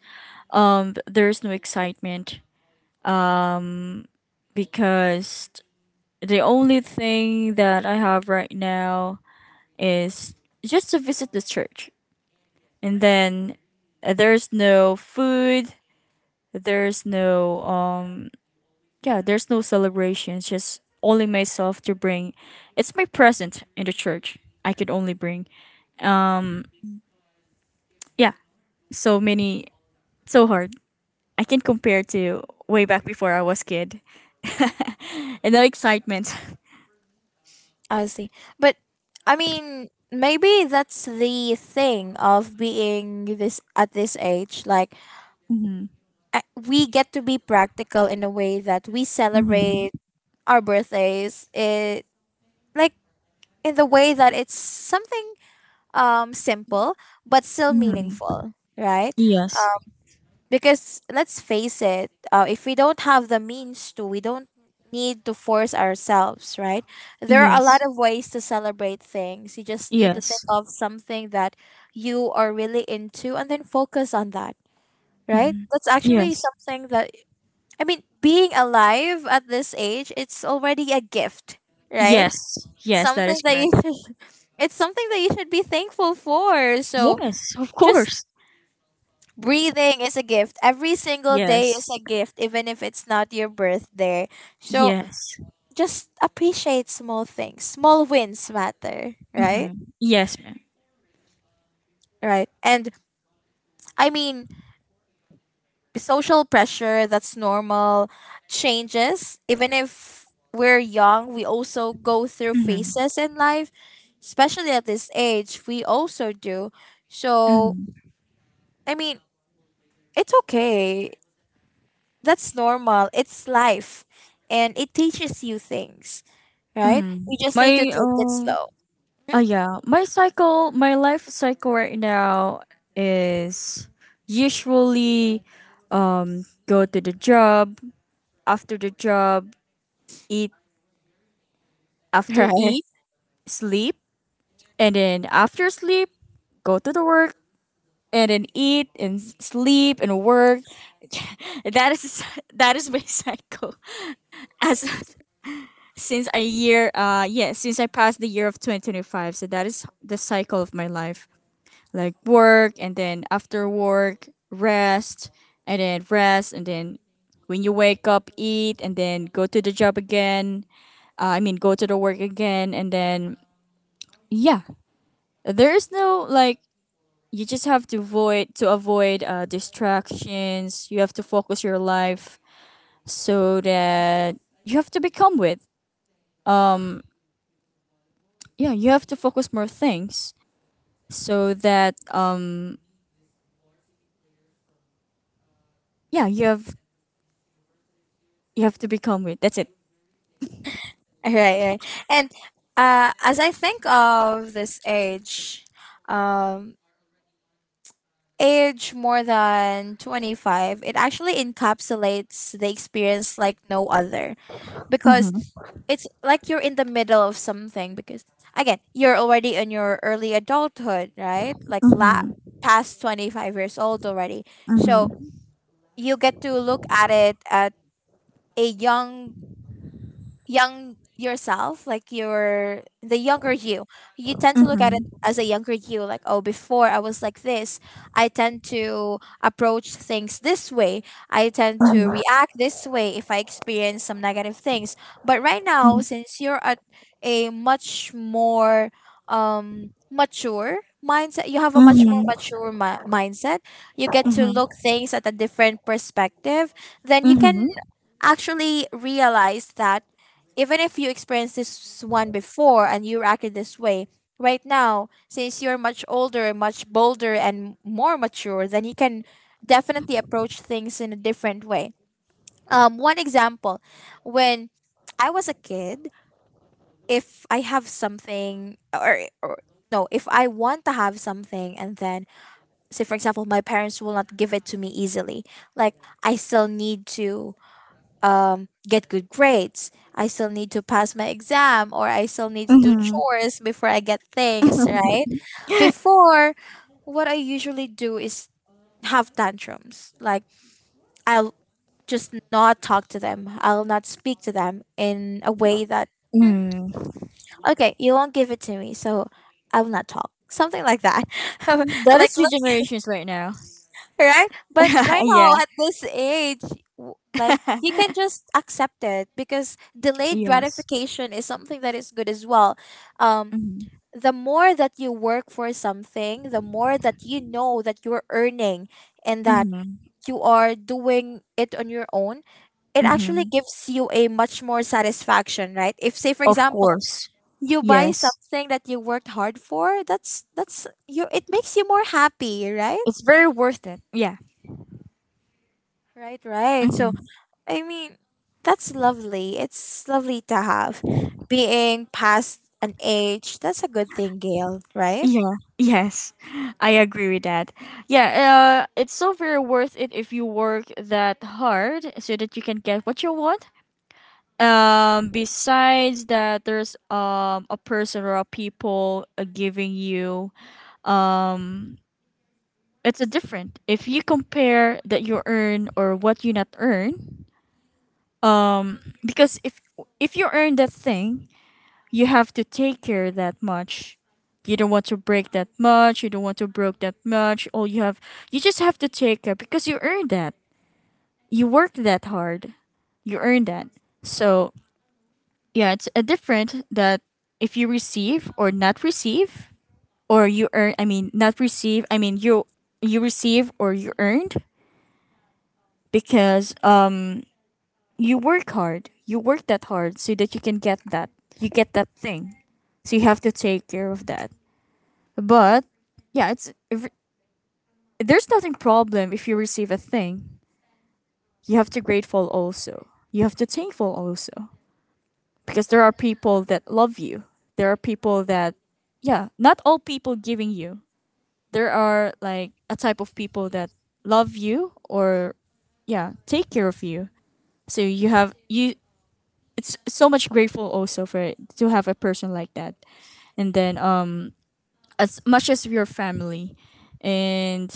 there's no excitement because the only thing that I have right now is just to visit the church. And then there's no food, there's no yeah, there's no celebrations, just only myself to bring. It's my present in the church. I could only bring. Yeah, so many, so hard. I can compare to way back before I was kid. And the excitement. I see. But I mean, maybe that's the thing of being this at this age. Like, Mm-hmm. We get to be practical in a way that we Mm-hmm. celebrate our birthdays. It, like, in the way that it's something simple but still Mm-hmm. meaningful, right? Yes. Because let's face it, if we don't have the means to, we don't need to force ourselves, right? There are a lot Yes. of ways to celebrate things. You just need to think Yes. of something that you are really into and then focus on that, right? Mhm. That's actually Yes. something that, I mean, being alive at this age, it's already a gift, right? Yes. Yes, that Something is that you correct. should. It's something that you should be thankful for. So Yes, of just, course. breathing is a gift. Every single day is Yes. a gift, even if it's not your birthday. So Yes. just appreciate small things. Small wins matter, right? Hmm. Yes, ma'am. Right. And I mean, social pressure, that's normal, changes. Even if we're young, we also go through Mm-hmm. phases in life, especially at this age, we also do. So, Mm-hmm. I mean, it's okay. That's normal. It's life. And it teaches you things. Right? Hmm. You just My need to take it slow. Mhm. Yeah, my life cycle right now is usually go to the job. After the job, eat. After Right, eat, sleep. And then after sleep, go to the work. And then eat and sleep and work. That is that is my cycle as since a year yeah, since I passed the year of 2025. So that is the cycle of my life, like work, and then after work, rest. And then rest. And then when you wake up, eat, and then go to the job again. I mean, go to the work again, and then yeah, there is no like, you just have to avoid distractions. You have to focus your life so that you have to become with um yeah, you have to focus more things so that yeah, you have to become with, that's it. right, right. And as I think of this age, um, age more than 25, it actually encapsulates the experience like no other, because Mhm, it's like you're in the middle of something, because again, you're already in your early adulthood, right? Mhm, Past 25 years old already. So you get to look at it at a young yourself, like your, the younger you, you tend to look at it mhm, as a younger you, like, oh, before I was like this. I tend to approach things this way. I tend to mhm, react this way if I experience some negative things. But right now, since you're at a much more mature mindset, you have a much more mhm, mature mindset, you get to look mhm, things at a different perspective, then you can mhm, actually realize that even if you experienced this one before and you acted this way, right now, since you're much older, much bolder, and more mature, then you can definitely approach things in a different way. One example, when I was a kid, if I have something, or no, if I want to have something, and then, say, for example, my parents will not give it to me easily, like, I still need to get good grades. I still need to pass my exam or I still need to do mhm. chores before I get things, right? Before, what I usually do is have tantrums. Like, I'll just not talk to them, I'll not speak to them in a way that, "Mm, Mm. okay, you won't give it to me, so I will not talk." Something like that. That is like, is two generations right now. right? But right now, Yeah. at this age, like, you can just accept it because delayed Yes. gratification is something that is good as well. Um, Hmm. the more that you work for something, the more that you know that you're earning and that Mhm, you are doing it on your own, it mhm, actually mhm. gives you a much more satisfaction, right? If say for Of example, course. you buy Yes, something that you worked hard for, that's you, it makes you more happy, right? it's very worth it, yeah. Right, right. So Mm-hmm. I mean, that's lovely. It's lovely to have. Being past an age, that's a good thing, Gail, right? Yeah, yes, I agree with that. Yeah, it's so very worth it if you work that hard so that you can get what you want. Besides that, there's a person or a people giving you. um it's a different if you compare that you earn or what you not earn, because if you earn that thing, you have to take care that much. You don't want to break that much. You don't want to broke that much. All you have, you just have to take care because you earned that. You worked that hard. You earned that. So yeah, it's a different that if you receive or not receive, or you earn. I mean, not receive. I mean, you receive or you earned, because you work hard. You work that hard so that you can get that. You get that thing. So you have to take care of that. But yeah, it's if, there's nothing problem if you receive a thing. You have to grateful also. You have to thankful also because there are people that love you. There are people that, yeah, not all people giving you. There are like a type of people that love you or, yeah, take care of you. So you, it's so much grateful also for it, to have a person like that. And then as much as your family, and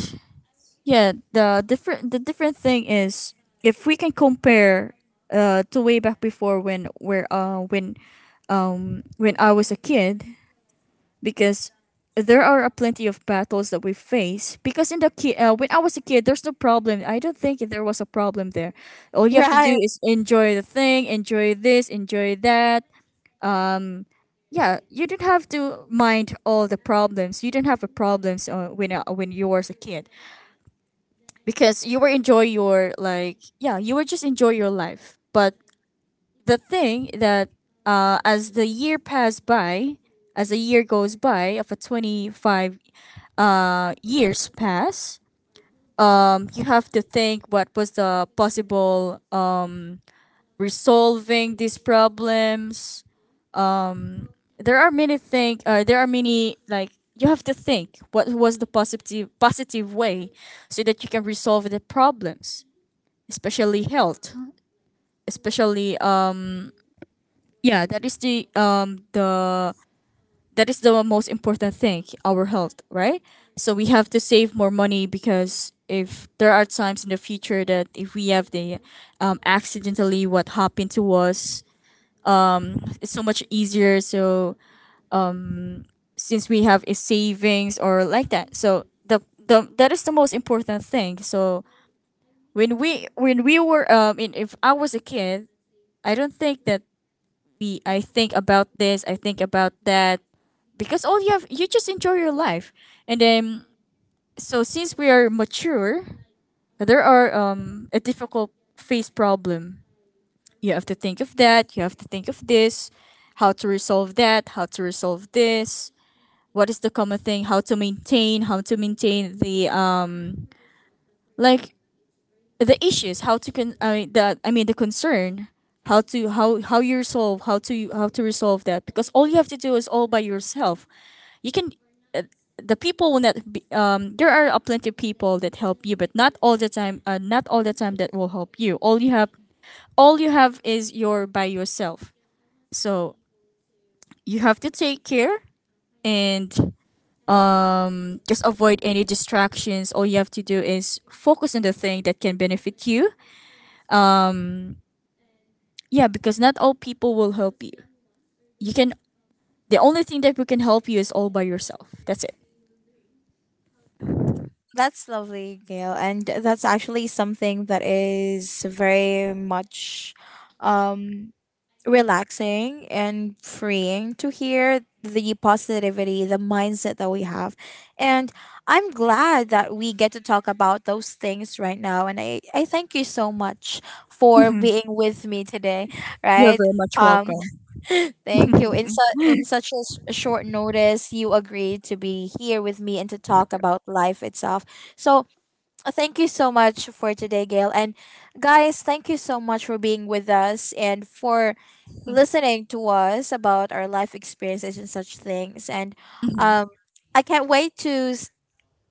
yeah, the different thing is, if we can compare to way back before when where when I was a kid, because there are a plenty of battles that we face. Because when I was a kid, there's no problem. I don't think there was a problem there. All you have to do Right. is enjoy the thing, enjoy this, enjoy that. um yeah, you don't have to mind all the problems. You don't have the problems when you was a kid, because you were enjoy your like, yeah, you were just enjoy your life. But the thing that, as the year passed by, as a year goes by of a 25 years pass, you have to think what was the possible resolving these problems. There are many thing, there are many like, you have to think what was the positive way so that you can resolve the problems, especially health. Especially yeah, that is the that is the most important thing, our health, right? So we have to save more money because if there are times in the future that if we have the accidentally what happened to us, it's so much easier. So since we have a savings or like that, so the, that is the most important thing. So when we were if I was a kid, I don't think that we I think about this, I think about that, because all you have, you just enjoy your life. And then, so since we are mature, there are a difficult phase problem. You have to think of that, you have to think of this, how to resolve that, how to resolve this, what is the common thing, how to maintain the like the issues, how to the concern, how you resolve, how to resolve that, because all you have to do is all by yourself. You can, uh, the people will not be, there are a plenty of people that help you, but not all the time, not all the time that will help you. All you have is your by yourself. So you have to take care. And just avoid any distractions. All you have to do is focus on the thing that can benefit you. um Yeah, because not all people will help you. You can the only thing that we can help you is all by yourself. That's it. That's lovely, Gail. And that's actually something that is very much um relaxing and freeing to hear the positivity, the mindset that we have. And I'm glad that we get to talk about those things right now. And I thank you so much for being with me today, You're right? very much Um, welcome. thank you. In, in such a short notice, you agreed to be here with me and to talk about life itself. So, thank you so much for today, Gail. And guys, thank you so much for being with us and for listening to us about our life experiences and such things. And Mhm. um, I can't wait to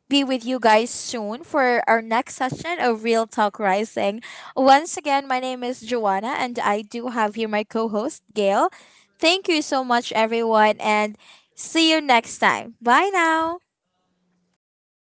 be with you guys soon for our next session of Real Talk Rising. Once again, my name is Joanna, and I do have here my co host, Gail. Thank you so much, everyone, and see you next time. Bye now.